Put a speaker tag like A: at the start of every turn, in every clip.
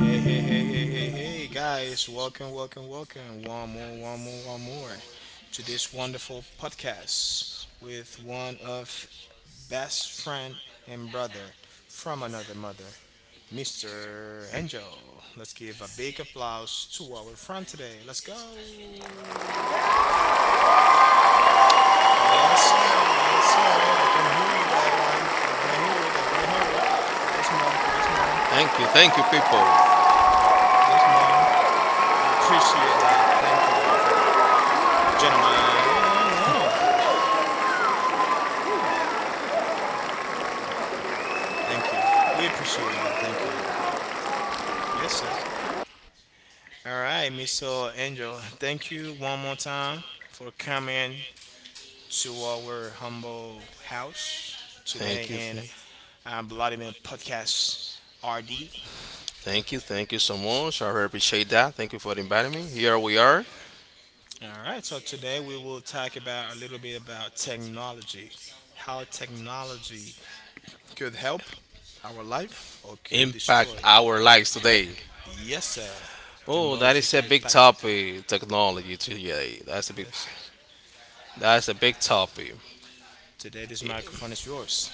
A: Hey, hey, hey, hey, hey, hey, guys, welcome, welcome, welcome. One more, one more, one more to this wonderful podcast with one of best friend and brother from another mother, Mr. Angel. Let's give a big applause to our friend today. Let's go. Yes, sir. Yes, sir. I can hear you that one. I want to hear it. I want to hear it. Yes, mom. Yes, mom.
B: Thank you, people.
A: Yes, mom. We appreciate that. Thank you, beautiful. Gentlemen and woman. Woo. Thank you. We appreciate that. Thank you. Yes, sir. All right, Mr. Angel. Thank you one more time for coming to our humble house today
B: Thank you,
A: in
B: th-
A: Vladimir Podcast RD.
B: Thank you, thank you so much. I really appreciate that. Thank you for inviting me. Here we are.
A: All right, so today we will talk about a little bit about technology, how technology could help our life or could destroy
B: Impact
A: it.
B: our lives today.
A: Yes, sir.
B: Oh, that
A: Technology
B: is a
A: could
B: big
A: impact it.
B: topic. Technology today. That's a big.
A: Yes, sir.
B: That's a big topic.
A: Today, this microphone is yours.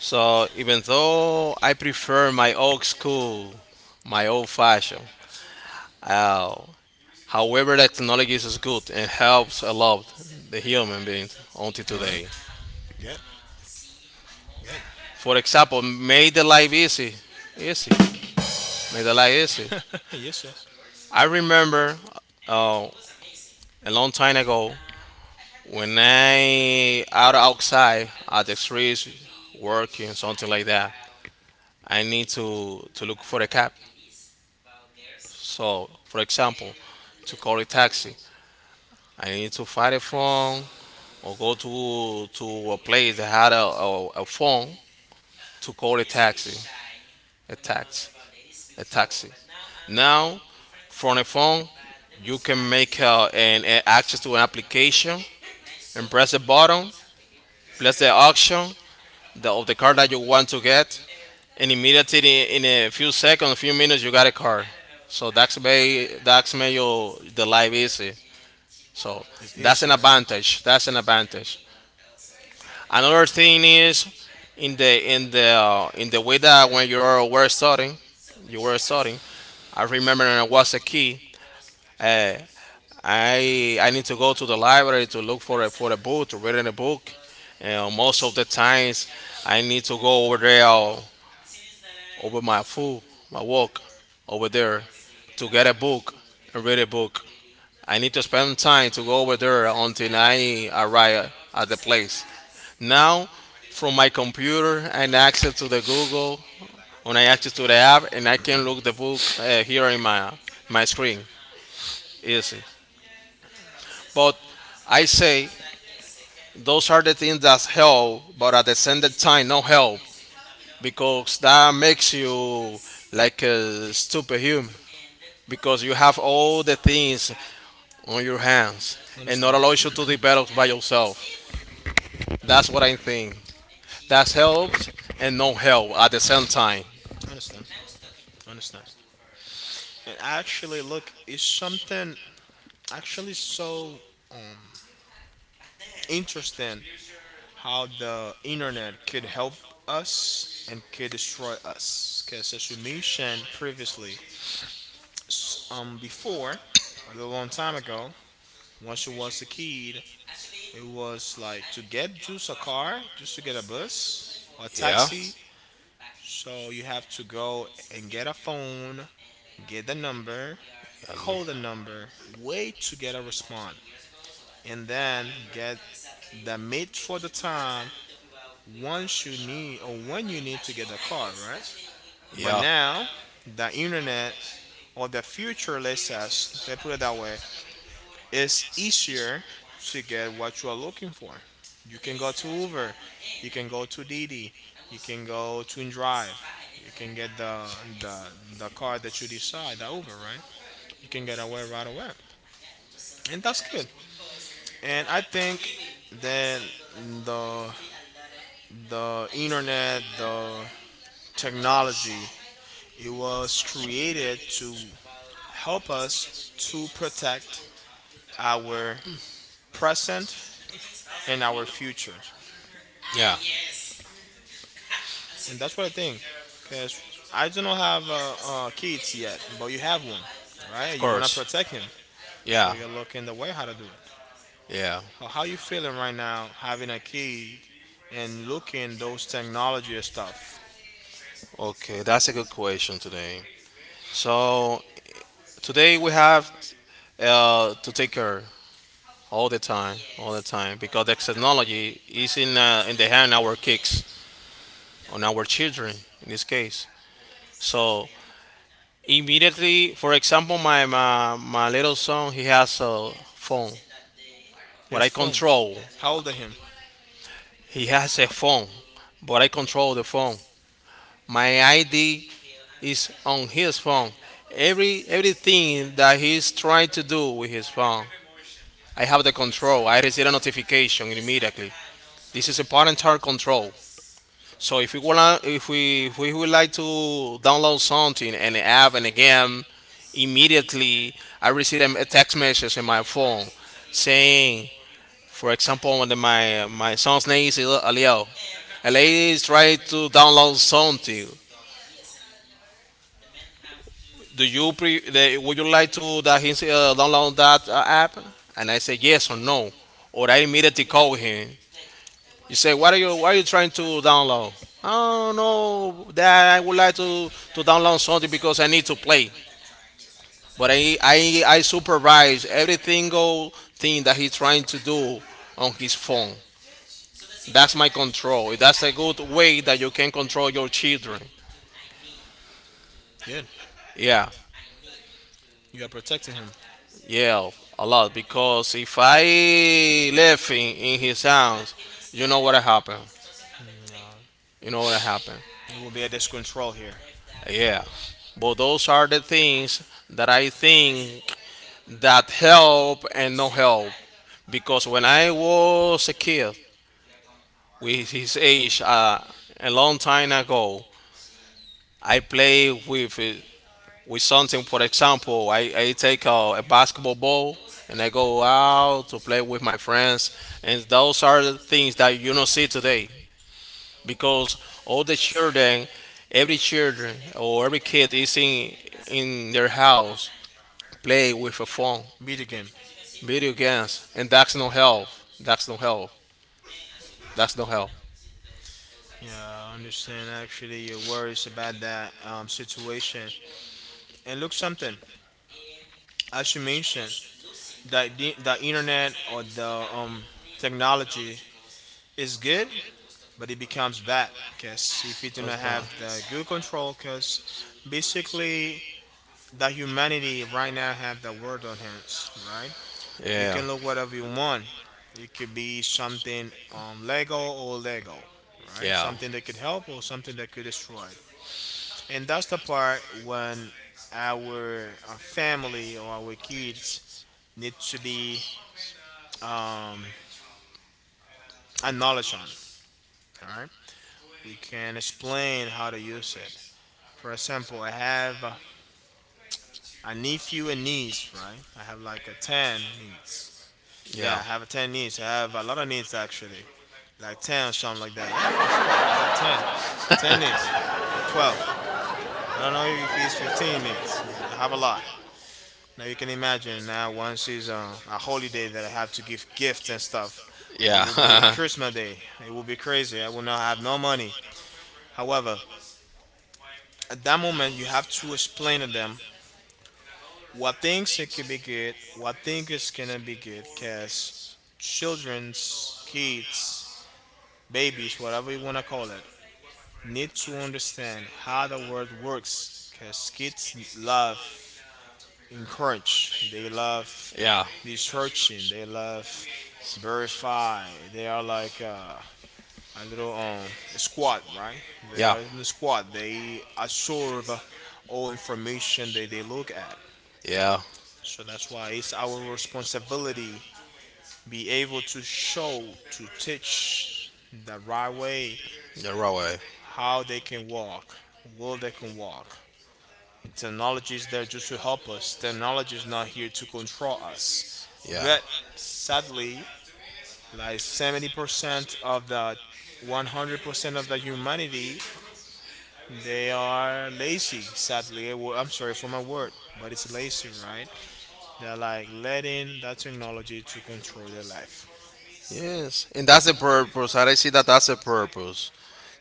B: So even though I prefer my old school, my old fashioned, uh, however, that technology is good and helps a lot the human beings until
A: All right.
B: today.
A: Good, good.
B: For example, made the life easy, easy. May the light is it.
A: yes, sir.
B: I remember uh, a long time ago when I outside at the streets working something like that. I need to look for a cab. So for example, to call a taxi, I need to find a phone or go to a place that had a phone to call a taxi, a tax, a taxi. Now, from a phone, you can make an access to an application and press the button, place the auction of the car that you want to get, and immediately in a few seconds, a few minutes, you got a car. So that's made your the life easy. So
A: It's
B: that's an
A: easier. Right?
B: advantage. That's an advantage. Another thing is in the in the way that when you were studying, you were studying. I remember when I was a kid, uh, I need to go to the library to look for a book to read in a book. And most of the times, I need to go over there over my food, my walk over there to get a book and read a book. I need to spend time to go over there until I arrive at the place. Now, from my computer, I access to the Google, when I access to the app, and I can look the book here in my screen easy. But I say those are the things that help, but at the same time, no help because that makes you like a stupid human because you have all the things on your hands and not
A: Understand.
B: allows you to develop by yourself. That's what I think. That helps and no help at the same time.
A: Understand. Understand. And actually, look, it's something actually so um, interesting how the internet could help us and could destroy us. Because as we mentioned previously, before, a little long time ago, once you was a kid, it was like to get just a car, just to get a bus or a
B: Yeah.
A: taxi. So you have to go and get a phone, get the number,
B: Um,
A: call the number, wait to get a response, and then get the meet for the time once you need or when you need to get a car, right? But
B: yeah,
A: now the internet or the future let us, say, let's put it that way, is easier to get what you are looking for. You can go to Uber, you can go to Didi, you can go to Drive, you can get the the car that you decide, the Uber, right? You can get away right away, and that's good. And I think that the the internet, the technology, it was created to help us to protect our present and our future.
B: yeah.
A: And that's what I think. Because I do not have kids yet, but you have one, right?
B: Of
A: You want to
B: course.
A: protect him. So
B: Yeah,
A: you're looking the way how to do it.
B: yeah.
A: How you feeling right now having a kid and looking those technology and stuff?
B: Okay, that's a good question today. So today we have to take care all the time, because the technology is in the hand of our kids, on our children in this case. So immediately, for example, my little son, he has a phone. What I
A: His phone.
B: control,
A: How old are him?
B: he has a phone, but I control the phone. My ID is on his phone. Everything that he's trying to do with his phone, I have the control. I receive a notification immediately. This is a parental control. So if we want, if we would like to download something and app and a game, immediately I receive a text message in my phone saying, for example, when the, my son's name is Aliel, a lady is trying to download something. Do you pre? The, would you like to that he download that app? And I say yes or no, or I immediately call him. You say, what are you trying to download? Oh no, that I would like to download something because I need to play. But I supervise every single thing that he's trying to do on his phone. That's my control. That's a good way that you can control your children.
A: Good.
B: Yeah,
A: You are protecting him.
B: yeah, a lot. Because if I left in his house, you know what happened.
A: No.
B: You know what happened.
A: You will be at this control here.
B: Yeah. But those are the things that I think that help and no help because when I was a kid with his age, a long time ago, I play with something. For example, I take a basketball ball and I go out to play with my friends, and those are the things that you don't see today because all the children, every children or every kid is in their house play with a phone,
A: Beat the game.
B: video games, and that's no help. That's no help. That's no help.
A: Yeah, I understand actually your worries about that situation. And look, something as you mentioned, that the internet or the um, technology is good, but it becomes bad because if you do
B: Goes
A: not
B: by.
A: have the good control, because basically the humanity right now have the world on hands, right? You
B: Yeah,
A: can look whatever you want. It could be something Lego or Lego, right?
B: yeah,
A: Something that could help or something that could destroy. And that's the part when our family or our kids need to be um, acknowledged on. All right, we can explain how to use it. For example, I have a nephew and niece, right? I have like a 10 niece. Yeah,
B: yeah,
A: I have a 10 niece. I have a lot of nieces actually, like 10 or something like that. Yeah, for sure. I have 10. 10 niece. I have 12. I don't know if he's 15 niece, but I have a lot. Now you can imagine now once it's a holiday that I have to give gifts and stuff. It will be in
B: yeah,
A: Christmas Day. It will be crazy. I will not have no money. However, at that moment you have to explain to them what things it could be good, what things is gonna be good, cause children's kids, babies, whatever you wanna call it, need to understand how the world works. Cause kids love encourage, they love
B: yeah,
A: researching, they love verify. They are like a little squad, right? They
B: yeah,
A: are in the squad. They absorb all information that they look at.
B: yeah.
A: So that's why it's our responsibility be able to show to teach the right way
B: You're right. way.
A: how they can walk, will they can walk. Technology is there just to help us. Technology is not here to control us.
B: Yeah.
A: But sadly, like 70% of the 100% of the humanity, they are lazy, sadly. Well, I'm sorry for my word, but it's lazy, right? They're like letting that technology to control their life.
B: Yes, and that's the purpose. I see that that's the purpose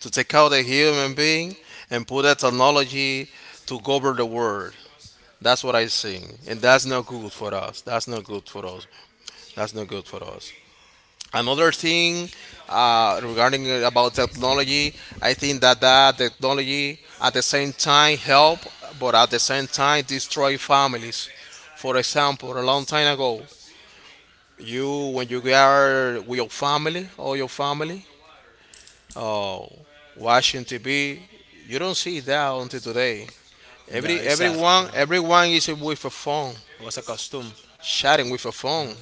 B: to take out a human being and put a technology to govern the world. That's what I saying, and that's not good for us. That's not good for us. That's not good for us. Another thing regarding about technology, I think that that technology at the same time help, but at the same time destroy families. For example, a long time ago, you when you are with your family or your family, oh, watching TV, you don't see that until today.
A: Yeah, it's sad. Yeah.
B: Everyone is with a phone,
A: It was a custom.
B: chatting with a phone.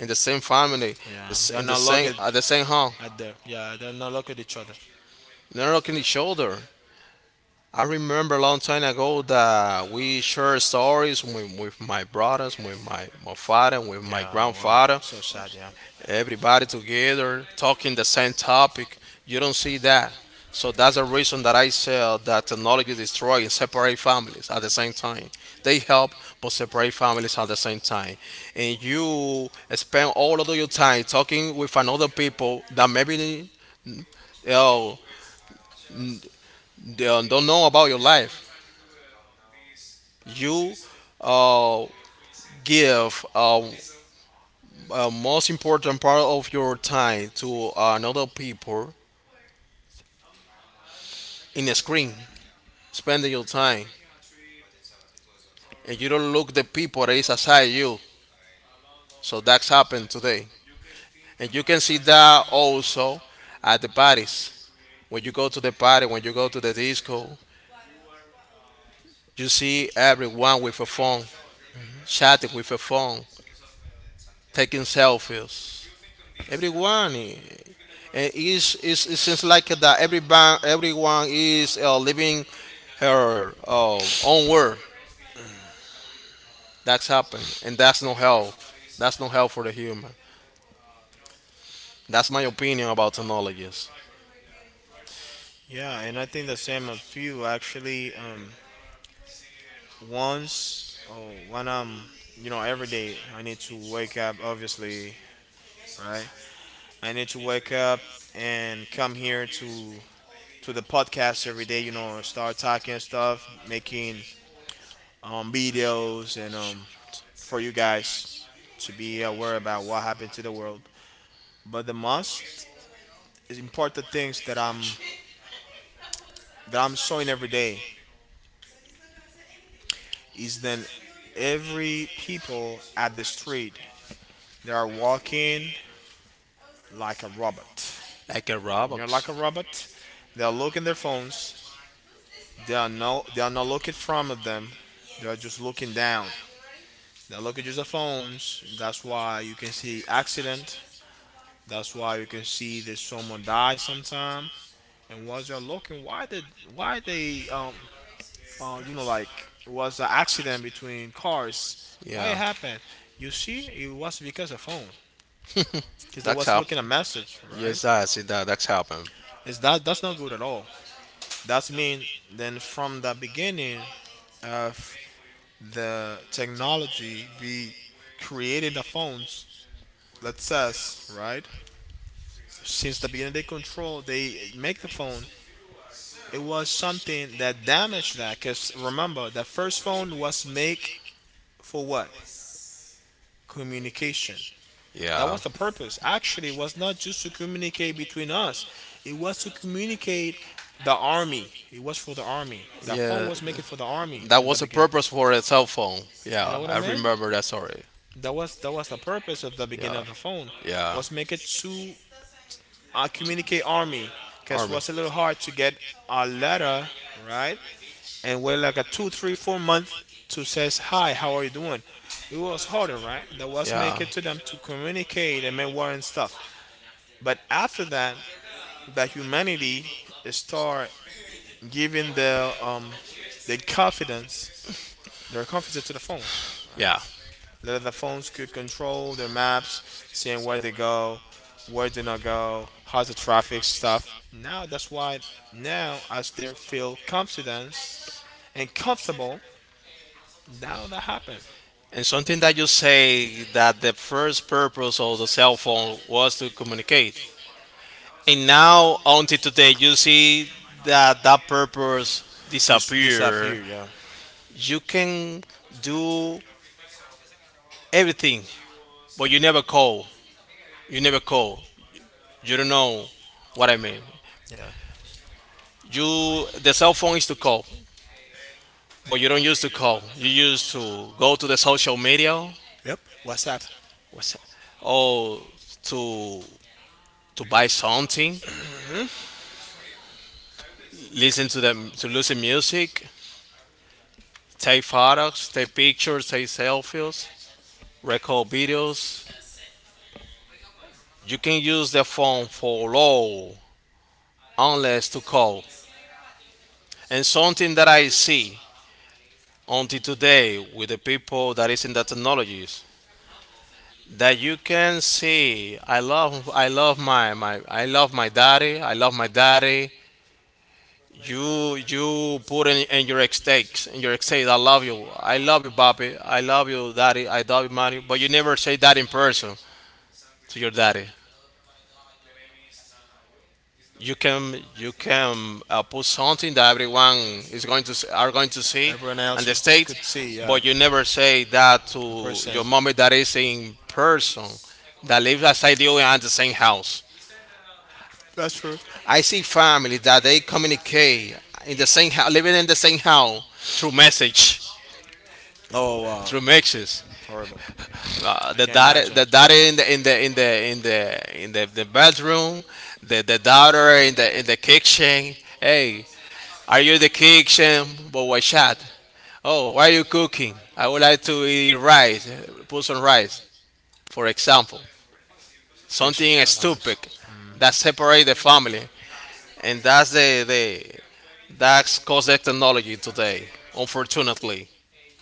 B: In the same family,
A: Yeah,
B: this
A: they're
B: in the
A: not
B: same
A: looking
B: at the same home,
A: at there. Yeah, they're not looking at each other.
B: not looking each other. I remember a long time ago that we shared stories with my brothers, with my father, with my
A: Yeah, wow.
B: grandfather.
A: So sad, yeah.
B: Everybody together talking the same topic. You don't see that. So that's the reason that I said that technology destroys and separate families at the same time. They help but separate families at the same time. And you spend all of your time talking with another people that maybe uh, they don't know about your life. You uh, give a most important part of your time to another people in a screen spending your time and you don't look the people that is aside you. So that's happened today. And you can see that also at the parties. When you go to the party, when you go to the disco, you see everyone with a phone, chatting with a phone, taking selfies. Everyone and is it seems like that everyone is living her own world. That's happened, and that's no health. That's no health for the human. That's my opinion about technologies.
A: Yeah, and I think the same of you actually. Once, oh, when I'm, every day I need to wake up, obviously, right? I need to wake up and come here to the podcast every day, start talking stuff, making videos and for you guys to be aware about what happened to the world. But the most important things that I'm showing every day is then every people at the street they are walking like a robot.
B: Like a
A: You're
B: Roblox.
A: like a robot. They are looking their phones. They are not looking from of them. They are just looking down. They are looking just the phones. That's why you can see accident. That's why you can see that someone die sometime. And once they're looking, why they like it was an accident between cars. Why
B: Yeah.
A: it happened? You see, it was because of phone, because they
B: that's
A: was
B: happened.
A: looking a message, right?
B: Yes, I see that. That's happened.
A: Is that that's not good at all. That's mean then from the beginning of the technology, we created the phones. Let's says right since the beginning they control, they make the phone. It was something that damaged that, because remember, the first phone was make for what communication. That
B: Yeah.
A: was the purpose. Actually, it was not just to communicate between us. It was to communicate the army. It was for the army. That phone
B: Yeah.
A: was making for the army
B: That
A: in the
B: was a
A: beginning.
B: purpose for a cell phone.
A: You know
B: Yeah.
A: what I
B: I
A: mean?
B: remember that story.
A: That was the purpose of the
B: Yeah.
A: beginning of the phone.
B: Yeah.
A: Was make it to communicate army, cause it
B: Army.
A: was a little hard to get a letter right and wait like a two, three, 4 month to says hi, how are you doing? It was harder, right? That was make
B: Yeah.
A: it to them to communicate and memoir and stuff. But after that, that humanity start giving the confidence, their confidence to the phones.
B: Yeah.
A: That the phones could control their maps, seeing where they go, where they not go, how's the traffic stuff. Now that's why now as they feel confidence and comfortable, now that happen.
B: And something that you say that the first purpose of the cell phone was to communicate. And now until today you see that that purpose disappear.
A: Disappear, yeah.
B: You can do everything, but you never call. You never call. You don't know what I mean.
A: Yeah.
B: You the cell phone is to call, but you don't use to call. You use to go to the social media,
A: Yep. WhatsApp.
B: what's that? Or to to buy something, listen to them to listen music, take photos, take pictures, take selfies, record videos. You can use the phone for all unless to call. And something that I see until today with the people that is in the technologies that you can see I love my I love my daddy i love my daddy, you put in your stakes I love you papi I love you daddy I love you mommy but you never say that in person to your daddy. You can put something that everyone is going to are going to see and
A: Else
B: the state
A: who.
B: but you never say that
A: In
B: to your
A: person.
B: mommy that is in person that lives outside you and the same house.
A: That's true.
B: I see families that they communicate in the same house living in the same house through message
A: Oh, wow.
B: through
A: Two.
B: messages,
A: Horrible. I. That- can't.
B: the daughter in the in the in the in the in the, the bedroom, the daughter in the kitchen. Hey, are you the kitchen boy chat? Oh, why are you cooking? I would like to eat rice, put some rice, for example. Something
A: Something.
B: stupid that separate the family, and that's the that's cause the technology today. Unfortunately,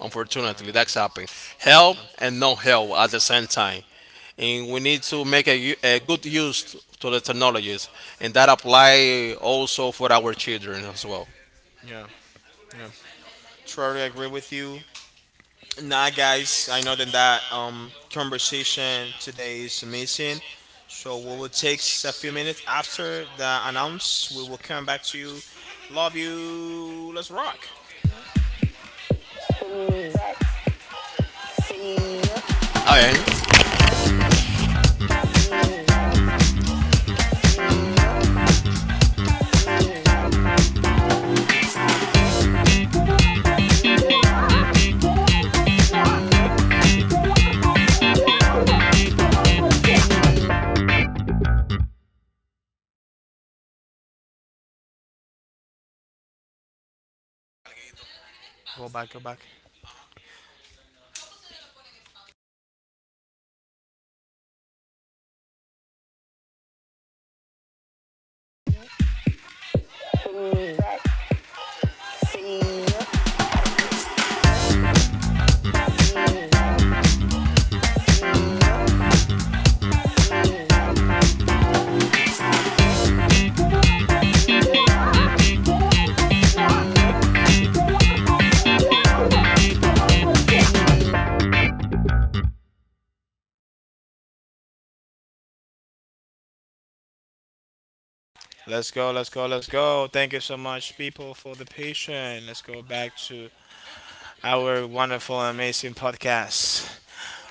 B: unfortunately, that's happening. Help and no help at the same time, and we need to make a good use to the technologies, and that apply also for our children as well.
A: Yeah. Yeah. Totally agree with you. Nah, guys, I know that conversation today is amazing. So we will take a few minutes after the announce. We will come back to you. Love you. Let's rock.
B: Okay,
A: Go back. Go back. Let's go, let's go, let's go. Thank you so much, people, for the patience. Let's go back to our wonderful, amazing podcast.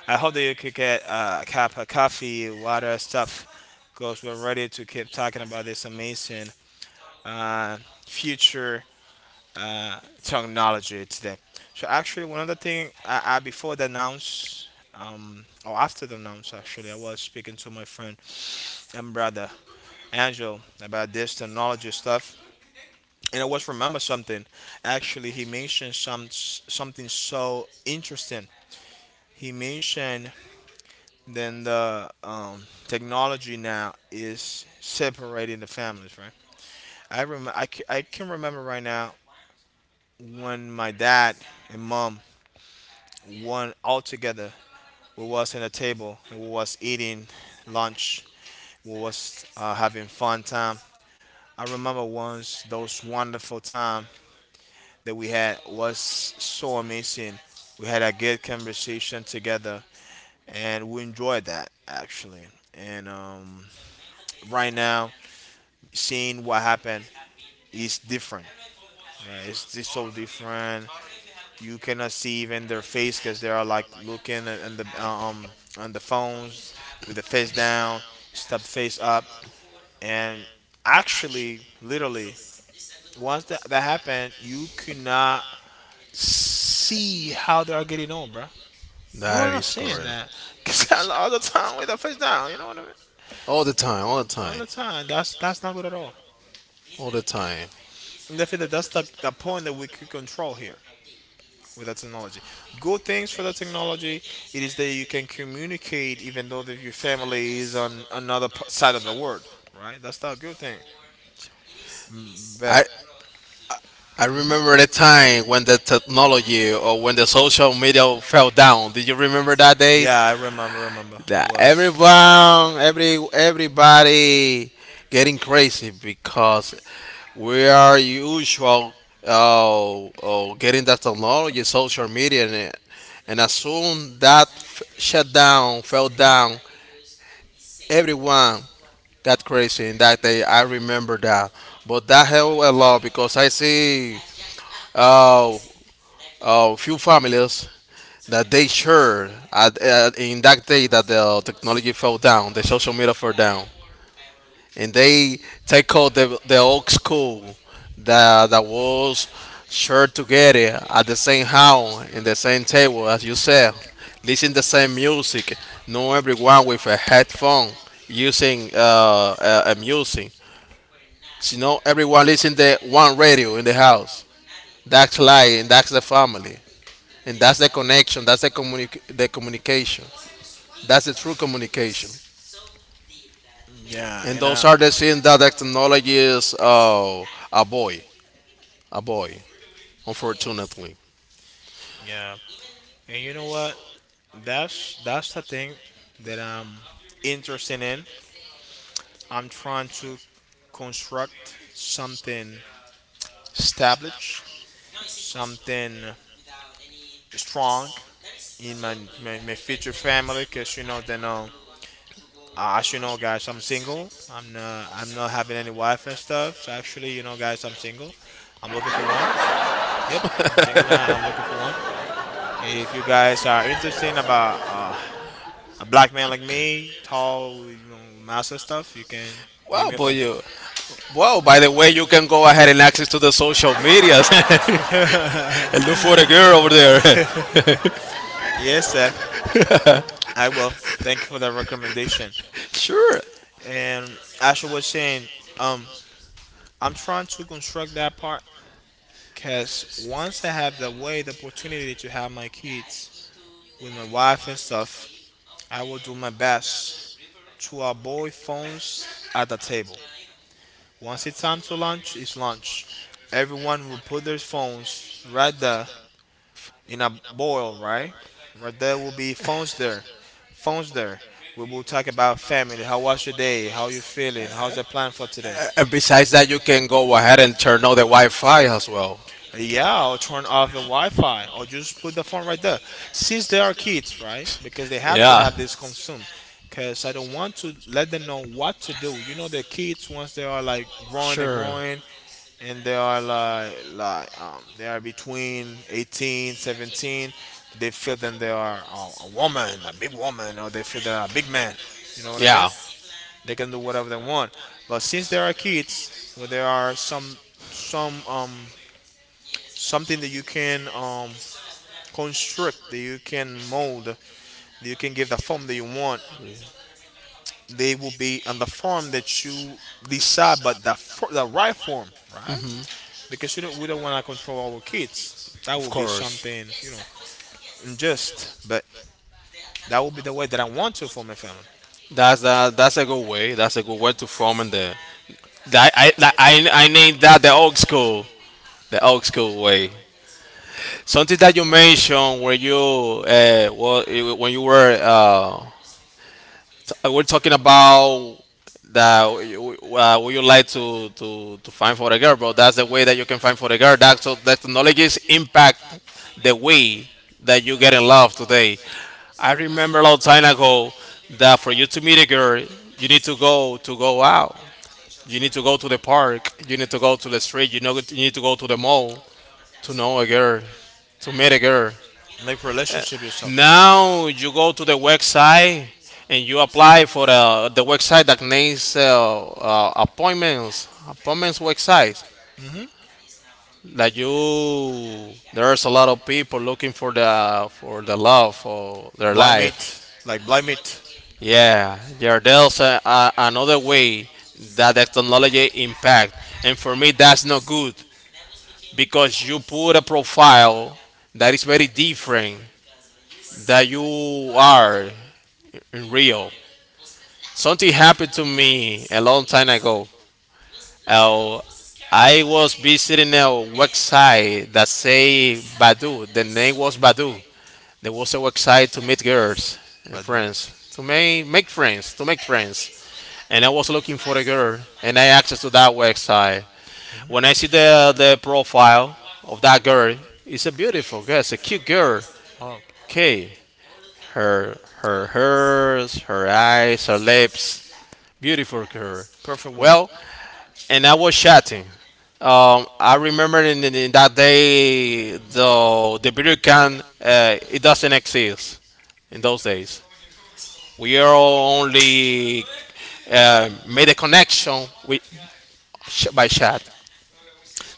A: I hope that you could get a cup of coffee, water, stuff, because we're ready to keep talking about this amazing uh, future technology today. So actually, one other thing, I before the announce, or after the announce, actually, I was speaking to my friend and brother Angel about this technology stuff, and I was remember something. Actually, he mentioned something so interesting. He mentioned then the technology now is separating the families, right? I can remember right now when my dad and mom went all together. We was in a table and we was eating lunch. We was having fun time. I remember once those wonderful time that we had was so amazing. We had a good conversation together and we enjoyed that actually. And right now seeing what happened is different. Right? It's so different. You cannot see even their face because they are like looking at, and the on the phones with the face down, step face up, and actually, literally, once that happened, you cannot see how they are getting on, bro. You are
B: that
A: not
B: is
A: seeing
B: correct.
A: that because all the time with the face down. You know what I mean?
B: All the time, all the
A: All
B: time,
A: the time. That's not good at all.
B: all the time.
A: And I feel that that's the point that we could control here with that technology. Good things for the technology, it is that you can communicate even though that your family is on another side of the world, right? That's the good thing.
B: I
A: But
B: I
A: mhm.
B: remember the time when the technology or when the social media fell down. Did you remember that day?
A: Yeah, I I
B: That
A: was.
B: everyone, every everybody getting crazy because we are usual, getting that technology, social media, and as soon that shut down, fell down, everyone. That's crazy. In that day, I remember that. But that helped a lot because I see uh, few families that they share in that day that the technology fell down, the social media fell down, and they take out the old school that was shared together at the same house in the same table as you said, listen the same music, know everyone with a headphone using a music. You know, everyone listen to one radio in the house. That's life, and that's the family, and that's the connection. That's the the communication. That's the true communication.
A: Yeah,
B: And
A: and
B: those are the things that the technology is a boy, a boy. Unfortunately,
A: yeah, and you know what? That's the thing that I'm interested in. I'm trying to construct something established something strong in my future family because you know then as you know guys, I'm single. I'm not, I'm not having any wife and stuff. So actually, you know guys, I'm single. I'm looking for one. Yep, I'm single now, I'm looking for one. If you guys are interested about a black man like me, tall, you know, massive stuff, you can give
B: wow,
A: me a
B: boy,
A: phone.
B: you. Well, by the way, you can go ahead and access to the social medias and look for the girl over there.
A: Yes sir, I will. Thank you for that recommendation.
B: Sure.
A: And as you was saying, um I'm trying to construct that part because once I have the way, the opportunity to have my kids with my wife and stuff, I will do my best to avoid phones at the table. Once it's time to lunch, it's lunch. Everyone will put their phones right there in a bowl, right? Right there will be phones there. Phones there. We will talk about family. How was your day? How you feeling? How's the plan for today?
B: And besides that, you can go ahead and turn on the Wi-Fi as well.
A: Yeah, or turn off the Wi-Fi, or just put the phone right there. Since they are kids, right? Because they have to
B: Yeah.
A: have this consumed. Because I don't want to let them know what to do. You know, the kids once they are like growing and
B: Sure.
A: growing, and they are like they are between 18, 17, they feel that they are a woman, a big woman, or they feel they are a big man. You know what I mean?
B: Yeah,
A: They can do whatever they want. But since they are kids, where there are some something that you can construct, that you can mold, that you can give the form that you want. They will be on the form that you decide, but the right form, right? Because you don't, we don't want to control our kids. That
B: of
A: will be
B: course.
A: something, you know, unjust, but that will be the way that I want to for my family.
B: That's that. That's a good way. That's a good way to form in the. That, I named that the old school way. Something that you mentioned where you when you were we're talking about that would you like to find for a girl, bro? That's the way that you can find for a girl. That so the technologies impact the way that you get in love today. I remember a long time ago that for you to meet a girl, you need to go out. You need to go to the park. You need to go to the street. You know, you need to go to the mall to know a girl, to meet a girl.
A: Make relationship yourself.
B: Now you go to the website and you apply for the website that names appointments, appointments website.
A: Hmm.
B: That you, there's a lot of people looking for the love for their
A: Blind
B: life.
A: meat, like blind meat.
B: Yeah, Yardell's another way that the technology impact, and for me that's not good because you put a profile that is very different that you are in real. Something happened to me a long time ago. Uh, I was visiting a website that say Badu. The name was Badu. There was a website to meet girls and
A: Badu.
B: friends, to make friends, to make friends. And I was looking for a girl, and I access to that website. When I see the profile of that girl, it's a beautiful girl, it's a cute girl.
A: Oh.
B: Okay, her eyes, her lips, beautiful girl.
A: Perfect woman.
B: Well, and I was chatting. I remember in that day the video can it doesn't exist in those days. We are only made a connection with by chat.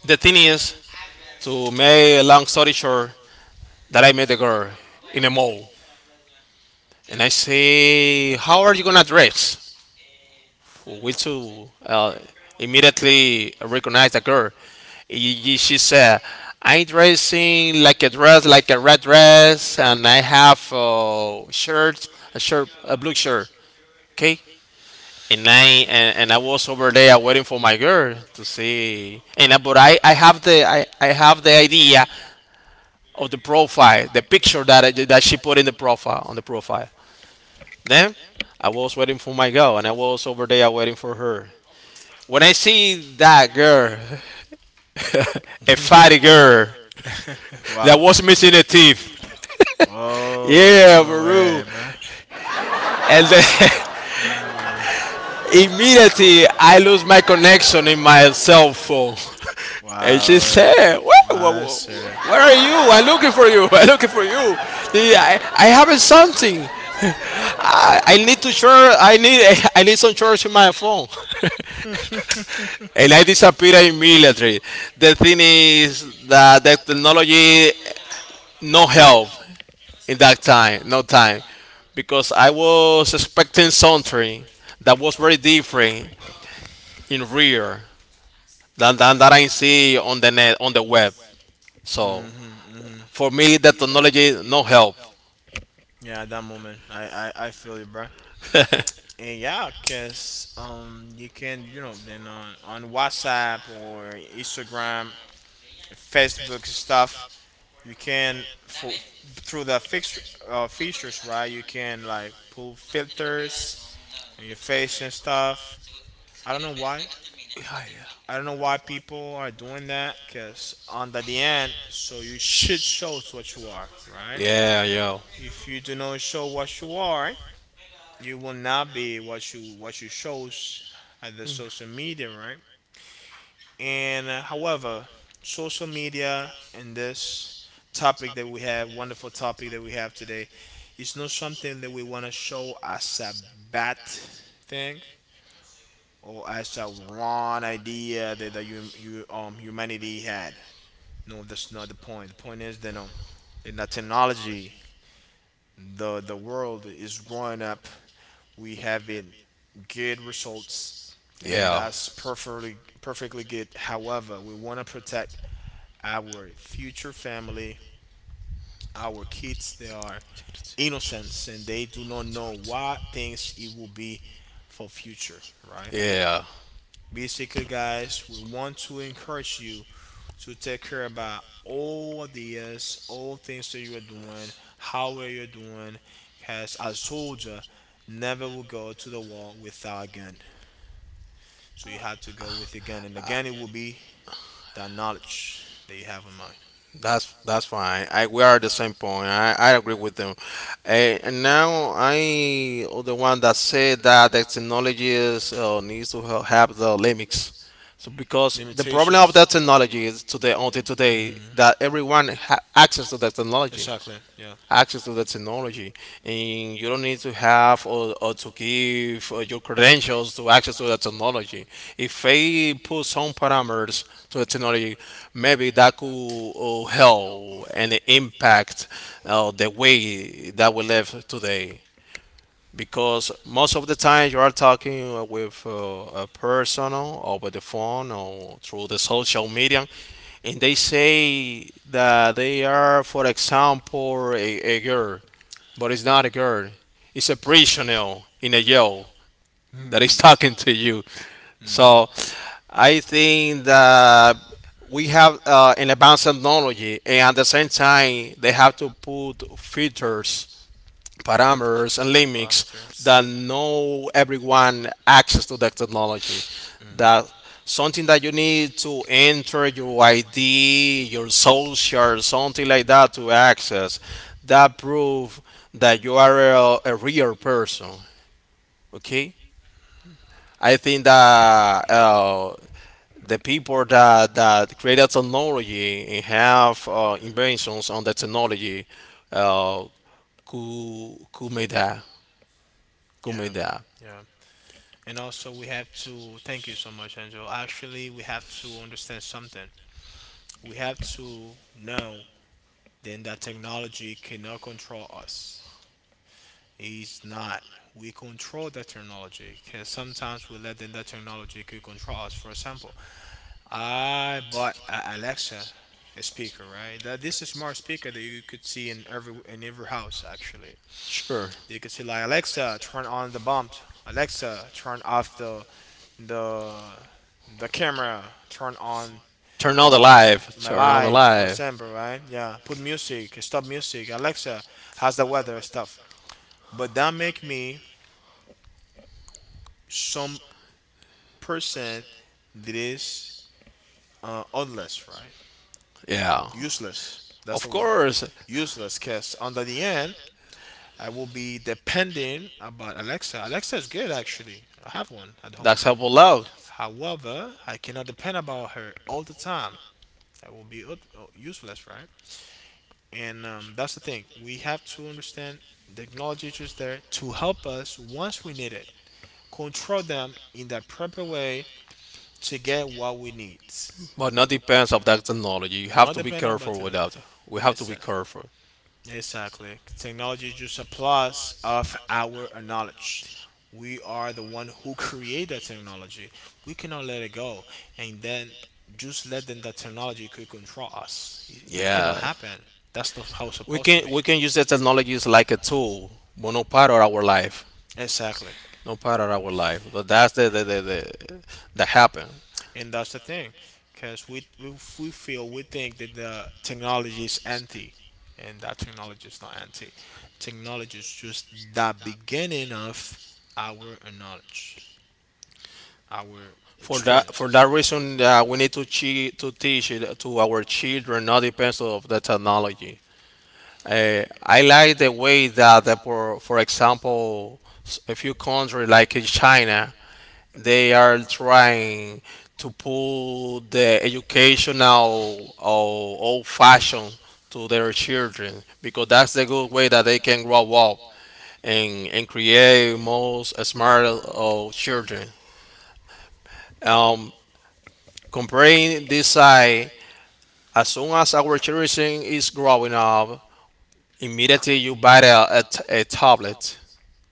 B: The thing is, to make a long story short, that I met the girl in a mall, and I say, "How are you gonna dress?" We two immediately recognized the girl. She said, "I'm dressing like a dress, like a red dress, and I have a shirt, a shirt, a blue shirt." Okay. And I was over there waiting for my girl to see. But I have the I have the idea of the profile, the picture that she put in the profile on the profile. Then I was waiting for my girl, and I was over there waiting for her. When I see that girl, a fatty girl that
A: Wow.
B: was missing a teeth,
A: Oh
B: yeah,
A: no
B: Baru,
A: way, bro.
B: and then
A: No way.
B: immediately I lose my connection in my cell phone. And she
A: Wow,
B: said,
A: wow, sir.
B: where are you? I'm looking for you. I'm looking for you. I have something. I need to charge. I need I need some charge in my phone. And I disappear immediately. The thing is that the technology no help in that time, no time, because I was expecting something that was very different in real that I see on the net on the web. So for me, the technology no help.
A: Yeah, at that moment, I feel you, bro.
B: yeah,
A: And yeah, cause you can, you know, then on WhatsApp or Instagram, Facebook stuff, you can for through the fixture features, right? You can like pull filters on your face and stuff. I don't know why. I don't know why people are doing that because on the end, so you should show what you are, right?
B: yeah.
A: If you do not show what you are, you will not be what you shows at the social media, right? And however, social media and this topic that we have, wonderful topic that we have today, is not something that we want to show as a bad thing or as a wrong idea that humanity had. No, that's not the point. The point is that in the technology, the world is growing up. We having good results, and that's perfectly perfectly good. However, we want to protect our future family, our kids. They are innocents, and they do not know what things it will be for future, right?
B: Yeah.
A: Basically, guys, we want to encourage you to take care about all ideas, all things that you are doing, how well you're doing. Because a soldier never will go to the war without a gun. So you have to go with a gun, and the gun it will be the knowledge that you have in mind.
B: That's fine. I we are at the same point. I agree with them. Eh, and now I oh, the one that said that the technology is, needs to have the limits. So because the problem
A: Limitation.
B: of the technology is today until today that
A: Mhm.
B: everyone access to the technology
A: Exactly. Yeah.
B: access to the technology and you don't need to have or to give your credentials to access to the technology if they put some parameters to the technology maybe that could help and impact the way that we live today because most of the time you are talking with a person over the phone or through the social media and they say that they are for example a girl but it's not a girl. It's a prisoner in a jail that is talking to you. So I think that we have an advanced technology, and at the same time, they have to put filters parameters
A: Filters,
B: and limits
A: parameters.
B: that no everyone access to that technology
A: Mhm.
B: that something that you need to enter your id your social something like that to access that prove that you are a real person. Okay, I think that the people that created technology and have inventions on the technology, uh, could make that could
A: Yeah.
B: make that
A: Yeah. And also, we have to thank you so much, Angel. Actually, we have to understand something. We have to know then that technology cannot control us. It's not. We control the technology because sometimes we let then that technology could control us. For example, I bought a Alexa, a speaker, right? That this is a smart speaker that you could see in every house actually.
B: Sure.
A: You could see like Alexa turn on the bump, Alexa turn off the the camera, turn on
B: Turn on the
A: my
B: live.
A: my
B: Turn on the
A: light, for
B: live.
A: example, right? Yeah, put music, stop music. Alexa how's the weather stuff, but that make me some person that is useless, right?
B: Yeah.
A: Useless. That's
B: Of
A: the word.
B: course,
A: Useless, cause under the end, I will be dependent about Alexa. Alexa is good actually. I have one at home.
B: that's helpful loud,
A: However, I cannot depend about her all the time. That will be useless, right? And that's the thing. We have to understand the technology is just there to help us once we need it. Control them in the proper way to get what we need.
B: but not depends of that technology. You have
A: Not
B: to be
A: depend on
B: careful
A: button.
B: with that. We have
A: Yes,
B: to be
A: sir.
B: careful.
A: Exactly. Technology is just a plus of our knowledge. We are the one who create that technology. We cannot let it go and then just let them that technology could control us. It cannot
B: Yeah.
A: happen. That's not how it's
B: We
A: supposed to
B: can
A: be.
B: use the technologies like a tool, but no part of our life.
A: Exactly.
B: No part of our life. But that's the that happen.
A: And that's the thing because we feel we think that the technology is anti and that technology is not anti, technology is just the beginning of our knowledge, our
B: For
A: experiences.
B: that reason, we need to to teach it to our children, not depends of the technology. I like the way that, the, for example, a few countries like in China, they are trying to pull the educational or old fashion to their children because that's the good way that they can grow up and create most smart children. Um, comparing this side. As soon as our children is growing up, immediately you buy a tablet.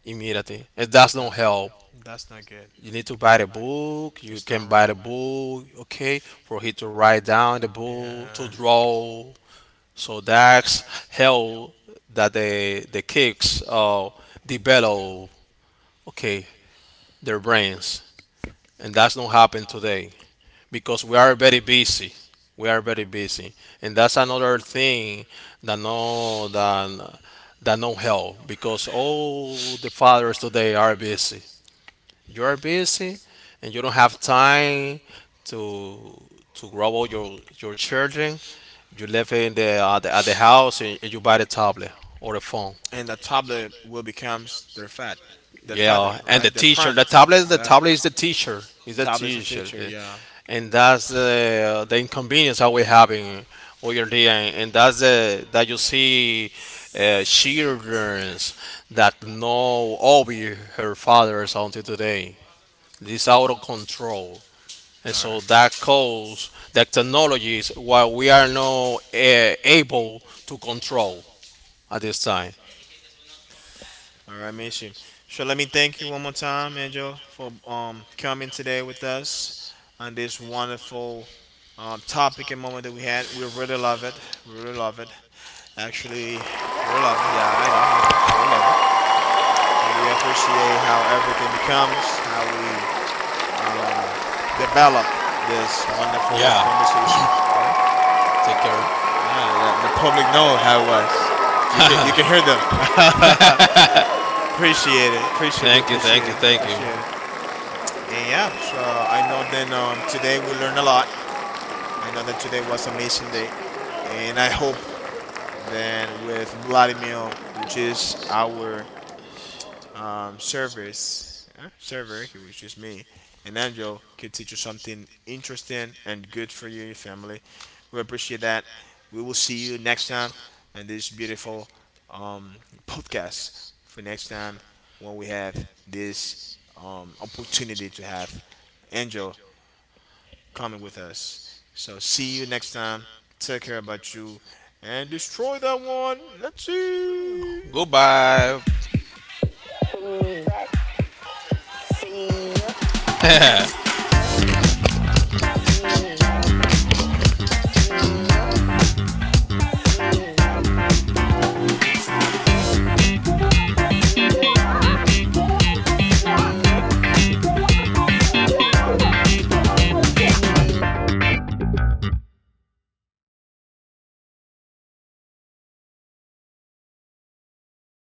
B: Immediately, it does not help.
A: That's not good.
B: You need to buy the book. You
A: It's
B: can
A: not
B: buy
A: right.
B: the book, okay, for him to write down the book to
A: Yeah.
B: draw. So that's how that the kids develop, okay, their brains, and that's not happen today. Because we are very busy. We are very busy, and that's another thing that that no help because all the fathers today are busy. You are busy, and you don't have time to to grow all your children. You live in the at the, at the house and you buy the tablet or the phone.
A: And the tablet will becomes their fat, their father,
B: Yeah, and the
A: right? Their
B: teacher,
A: parents.
B: the
A: That
B: tablet is the teacher. Is the
A: tablet is a
B: teacher.
A: teacher.
B: The,
A: Yeah.
B: and that's the inconvenience that we are having, hoy en día, and that's the that you see children that know obey her fathers until today. This out of control, and
A: All
B: so
A: right.
B: that cause that technology is what we are not able to control at this time.
A: All right, Michi. So let me thank you one more time, Angel, for coming today with us on this wonderful topic and moment that we had. We really love it. We really love it. Actually, we really love it. Yeah, I know, I know. We really love it. And we appreciate how everything becomes, how we um, develop this wonderful
B: Yeah,
A: conversation, right?
B: take care.
A: Yeah, that, the public know how it was. You can hear them. Appreciate it. Appreciate, we
B: Thank you,
A: appreciate
B: thank you,
A: it. We
B: thank
A: appreciate it.
B: you.
A: And yeah, so I know then today we learned a lot. I know that today was an amazing day, and I hope then with Vladimir, which is our service server, okay, which is me, and Angel could teach you something interesting and good for you and your family. We appreciate that. We will see you next time on this beautiful um, podcast for next time when we have this opportunity to have Angel coming with us. So see you next time. Take care about you and destroy that one. Let's see.
B: Goodbye.